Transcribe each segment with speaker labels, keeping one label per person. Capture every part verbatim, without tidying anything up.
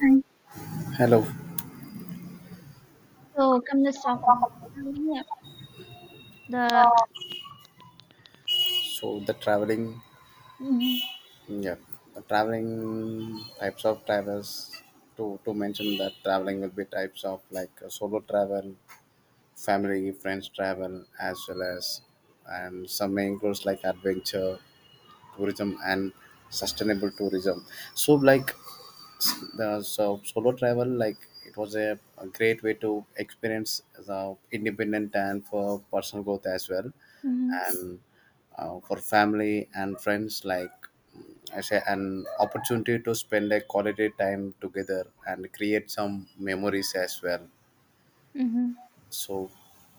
Speaker 1: Hi.
Speaker 2: Hello.
Speaker 1: So come let's talk about traveling, the
Speaker 2: So the traveling,
Speaker 1: Mhm,
Speaker 2: yeah, the traveling types of travels. To to mention that traveling will be types of like uh, solo travel, family, friends travel, as well as, and some may includes like adventure, tourism, and sustainable tourism. So like the so solo travel like it was a, a great way to experience the independent and for personal growth as well.
Speaker 1: mhm,
Speaker 2: And uh, for family and friends like mm, I say an opportunity to spend a quality time together and create some memories as well.
Speaker 1: mhm.
Speaker 2: So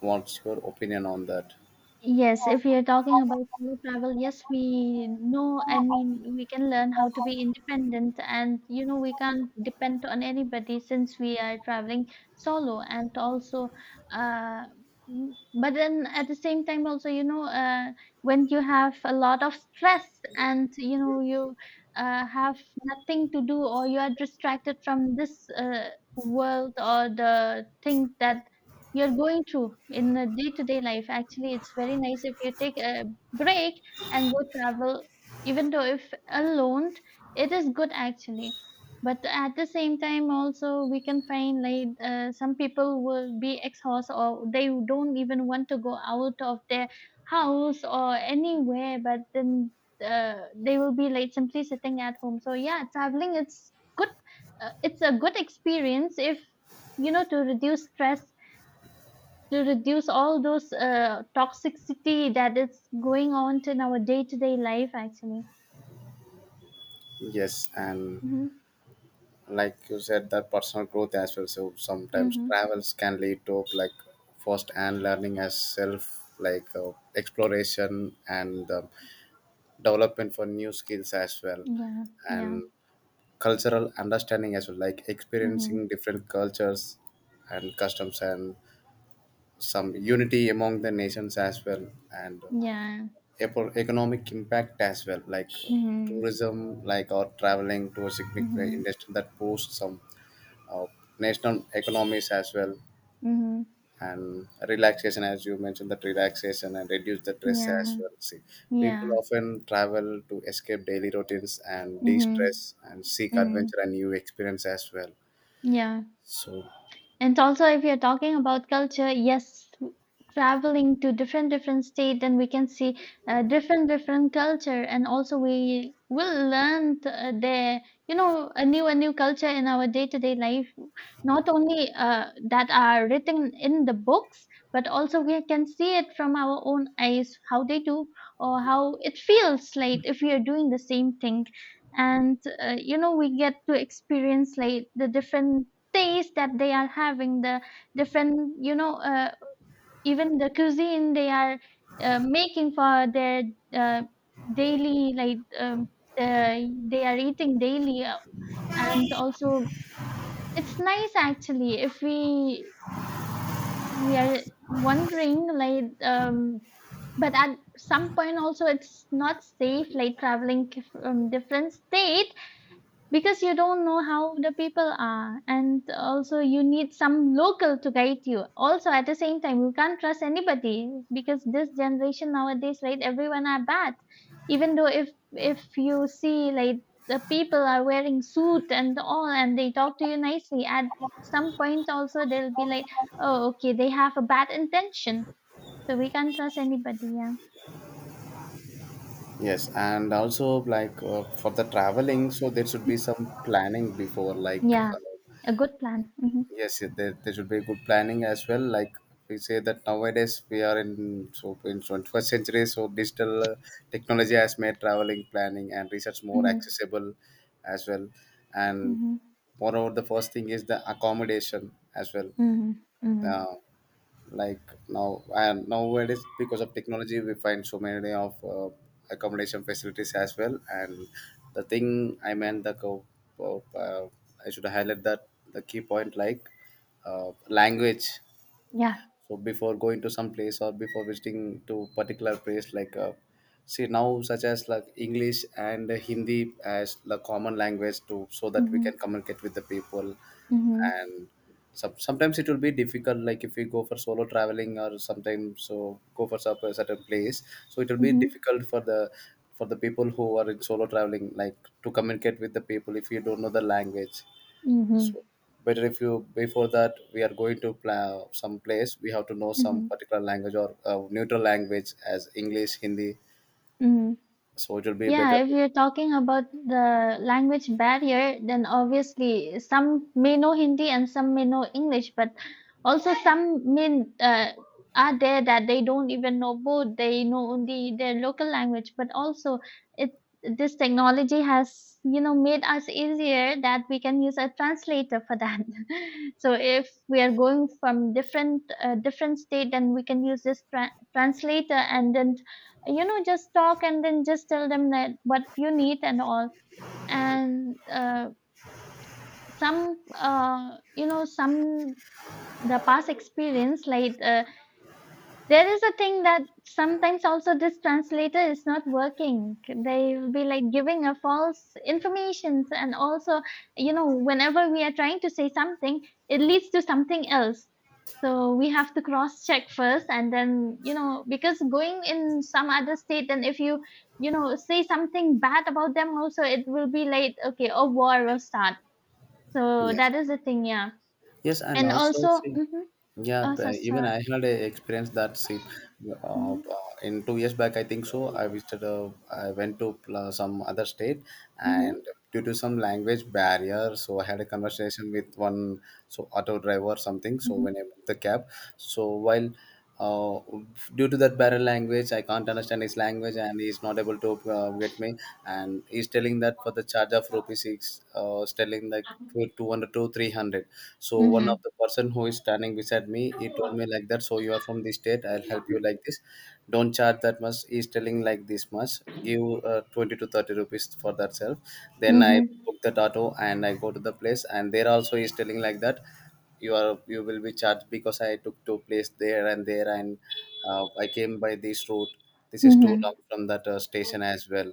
Speaker 2: what's your opinion on that?
Speaker 1: Yes, if we are talking about solo travel, yes, we know, I mean, we can learn how to be independent and, you know, we can't depend on anybody since we are traveling solo and also, uh, mm, but then at the same time also, you know, uh, when you have a lot of stress and, you know, you uh, have nothing to do or you are distracted from this uh, world or the thing that you're going through in the day-to-day life. Actually, it's very nice if you take a break and go travel, even though if alone, it is good actually. But at the same time, also we can find like uh, some people will be exhausted or they don't even want to go out of their house or anywhere. But then uh, they will be like simply sitting at home. So yeah, traveling it's good. Uh, it's a good experience if you know to reduce stress to reduce all those uh, toxicity that is going on in our day-to-day life actually.
Speaker 2: Yes, and
Speaker 1: Mm-hmm.
Speaker 2: like you said that personal growth as well, so sometimes
Speaker 1: Mm-hmm.
Speaker 2: travels can lead to like first and learning as self, like uh, exploration and uh, development for new skills as well.
Speaker 1: Yeah, yeah.
Speaker 2: And cultural understanding as well, like
Speaker 1: Mm-hmm.
Speaker 2: experiencing different cultures and customs and some unity among the nations as well. And
Speaker 1: Yeah.
Speaker 2: epo- economic impact as well, like
Speaker 1: Mm-hmm.
Speaker 2: tourism like or traveling to a significant
Speaker 1: Mm-hmm.
Speaker 2: industry that boosts some uh, national economies as well.
Speaker 1: Mm-hmm.
Speaker 2: And relaxation, as you mentioned, that relaxation and reduce the stress as
Speaker 1: Yeah,
Speaker 2: well. See, people
Speaker 1: yeah.
Speaker 2: often travel to escape daily routines and
Speaker 1: Mm-hmm.
Speaker 2: de-stress and seek
Speaker 1: Mm.
Speaker 2: adventure and new experience as well.
Speaker 1: Yeah.
Speaker 2: So
Speaker 1: And also, if you're talking about culture, yes, traveling to different different state, then we can see uh, different different culture, and also we will learn th- uh, their you know a new a new culture in our day to day life. Not only uh, that are written in the books, but also we can see it from our own eyes how they do or how it feels like if we are doing the same thing. And uh, you know we get to experience like the different taste that they are having the different you know uh, even the cuisine they are uh, making for their uh, daily like um, uh, they are eating daily uh, and also it's nice actually if we we are wondering like um but at some point also it's not safe like traveling k- from different state because you don't know how the people are and also you need some local to guide you also at the same time you can't trust anybody because this generation nowadays right everyone are bad even though if if you see like the people are wearing suit and all and they talk to you nicely at some point also they'll be like oh okay they have a bad intention so we can't trust anybody. Yeah.
Speaker 2: yes, and also, like uh, for the traveling, so there should be some planning before, like
Speaker 1: Yeah,
Speaker 2: uh,
Speaker 1: a good plan. Mm-hmm,
Speaker 2: yes. Yes, there, there should be good planning as well, like we say that nowadays we are in so in twenty-first century, so digital uh, technology has made traveling planning and research more
Speaker 1: mm-hmm,
Speaker 2: accessible as well. And
Speaker 1: mm-hmm,
Speaker 2: moreover, the first thing is the accommodation as well.
Speaker 1: mm-hmm, mm-hmm.
Speaker 2: Uh, like now and nowadays, because of technology, we find so many of uh, accommodation facilities as well. And the thing I meant, the co- uh, I should highlight that the key point, like uh, language.
Speaker 1: Yeah.
Speaker 2: So before going to some place or before visiting to particular place, like uh, see, now, such as like English and Hindi as the common language, to so that we can
Speaker 1: Mm-hmm.
Speaker 2: communicate with the people.
Speaker 1: Mhm,
Speaker 2: And some, sometimes it will be difficult, like if we go for solo traveling or sometimes so go for some- a certain place. So it will be
Speaker 1: mhm,
Speaker 2: difficult for the for the people who are in solo traveling, like to communicate with the people if you don't know the language.
Speaker 1: mhm,
Speaker 2: So better if you, before that we are going to pla- some place, we have to know some
Speaker 1: mhm,
Speaker 2: particular language or uh, neutral language as English, Hindi.
Speaker 1: mhm.
Speaker 2: So it will be
Speaker 1: Yeah,
Speaker 2: better.
Speaker 1: if you're talking about the language barrier, then obviously some may know Hindi and some may know English, but also some may uh, are there that they don't even know both. They know only their local language, but also it this technology has you know made us easier that we can use a translator for that. So if we are going from different uh, different state, then we can use this tra- translator and then you know just talk and then just tell them that what you need and all and uh, some uh, you know some the past experience like uh, there is a thing that sometimes also this translator is not working. They will be like giving a false informations and also, you know, whenever we are trying to say something, it leads to something else. So we have to cross check first and then, you know, because going in some other state and if you, you know, say something bad about them also, it will be like, okay, a war will start. So
Speaker 2: Yes.
Speaker 1: that is the thing, yeah.
Speaker 2: Yes, and
Speaker 1: And
Speaker 2: also,
Speaker 1: also,
Speaker 2: see.
Speaker 1: mm-hmm,
Speaker 2: Yeah,
Speaker 1: oh, so,
Speaker 2: b- even
Speaker 1: so,
Speaker 2: I had a experience that, see, uh,
Speaker 1: mm-hmm,
Speaker 2: uh, in two years back, I think so. I visited, uh, I went to uh, some other state, and
Speaker 1: mm-hmm,
Speaker 2: due to some language barrier, so I had a conversation with one so auto driver or something. So
Speaker 1: mm-hmm.
Speaker 2: when I booked the cab, so while uh, due to that barren language I can't understand his language and he's not able to uh, get me, and he's telling that for the charge of rupees he's uh, telling like two- 200 to three hundred. So one
Speaker 1: Mm-hmm.
Speaker 2: of the person who is standing beside me, he told me like that, so, you are from this state, I'll help you like this. Don't charge that much, he's telling like this much, give uh, twenty to thirty rupees for that self. Then I
Speaker 1: Mhm,
Speaker 2: book that auto and I go to the place, and there also he's telling like that, you are, you will be charged because I took to place there and there, and uh, I came by this route. This is too long
Speaker 1: mhm,
Speaker 2: from that uh, station as well.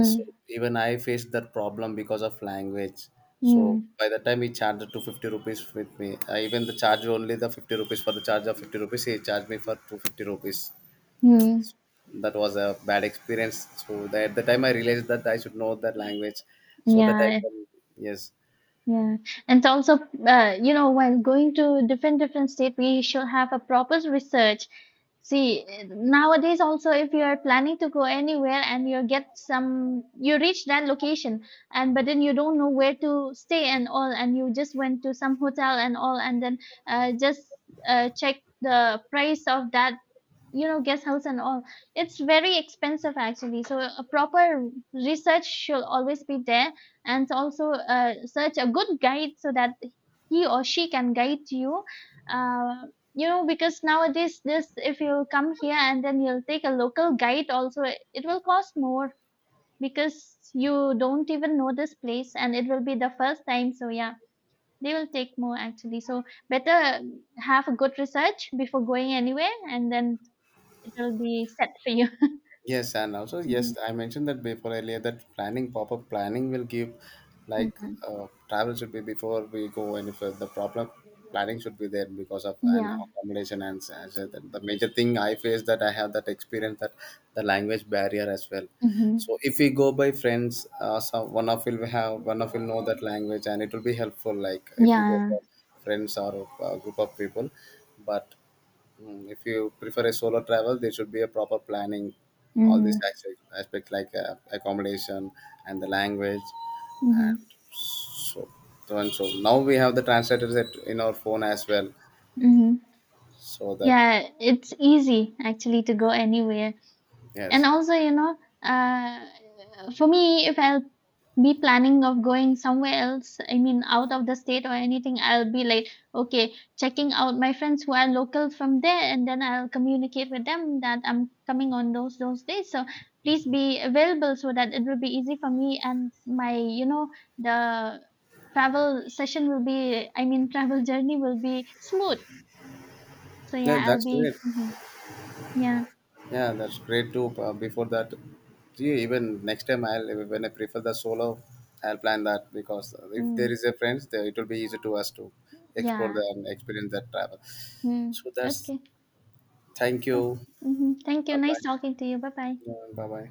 Speaker 2: So even I faced that problem because of language. So
Speaker 1: mm.
Speaker 2: by the time he charged to fifty rupees with me, I even the charge only the fifty rupees. For the charge of fifty rupees, he charged me for two fifty rupees.
Speaker 1: Hmm.
Speaker 2: That was a bad experience. So that, at the time, I realized that I should know that language, so that I
Speaker 1: Yeah,
Speaker 2: can. Yes.
Speaker 1: yeah. And also, uh, you know, when going to different different state, we should have a proper research. See, eh, nowadays also, if you are planning to go anywhere and you get some, you reach that location, and but then you don't know where to stay and all, and you just went to some hotel and all, and then uh, just uh, check the price of that you know guest house and all it's very expensive actually so a proper research should always be there and also uh, search a good guide so that he or she can guide you uh, you know because nowadays this if you come here and then you'll take a local guide also it will cost more because you don't even know this place and it will be the first time so yeah they will take more actually so better have a good research before going anywhere and then it will be set for you.
Speaker 2: Yes, and also, yes,
Speaker 1: Mhm,
Speaker 2: I mentioned that before earlier that planning, pop-up planning will give, like
Speaker 1: mhm.
Speaker 2: uh, travel should be before we go any further. The problem, planning should be there because of an
Speaker 1: Yeah.
Speaker 2: accommodation and s- as a- the major thing I face, that I have that experience, that the language barrier as well.
Speaker 1: Mhm.
Speaker 2: So if we go by friends, uh, some, one of will have, one of will know that language and it will be helpful. Like if we go
Speaker 1: Yeah.
Speaker 2: for friends or a group of people. But Mm, if you prefer a solo travel, there should be a proper planning, all these
Speaker 1: Mhm.
Speaker 2: aspect, aspect like uh, accommodation and the language, and
Speaker 1: Mhm.
Speaker 2: so, so and so. Now we have the translators at, in our phone as well,
Speaker 1: Mhm.
Speaker 2: so that,
Speaker 1: Yeah, it's easy actually to go anywhere. And
Speaker 2: yes,
Speaker 1: also, you know, uh, for me, if I'll be planning of going somewhere else, I mean, out of the state or anything, I'll be like, okay, checking out my friends who are local from there, and then I'll communicate with them that I'm coming on those those days. So please be available so that it will be easy for me and my, you know, the travel session will be, I mean, travel journey will be smooth. So
Speaker 2: yeah,
Speaker 1: yeah, I'll
Speaker 2: that's great.
Speaker 1: be, mhm. Yeah,
Speaker 2: Yeah, that's great too. Uh, before that, gee, even next time, I'll when I prefer the solo, I'll plan that because if there
Speaker 1: mm,
Speaker 2: is a friends, there it will be easy to us to explore
Speaker 1: yeah,
Speaker 2: the and experience that travel.
Speaker 1: mm,
Speaker 2: So that's,
Speaker 1: okay.
Speaker 2: thank
Speaker 1: So
Speaker 2: you.
Speaker 1: mhm. Thank you.
Speaker 2: Bye
Speaker 1: Nice
Speaker 2: bye.
Speaker 1: talking to you. Bye bye.
Speaker 2: 嗯，拜拜。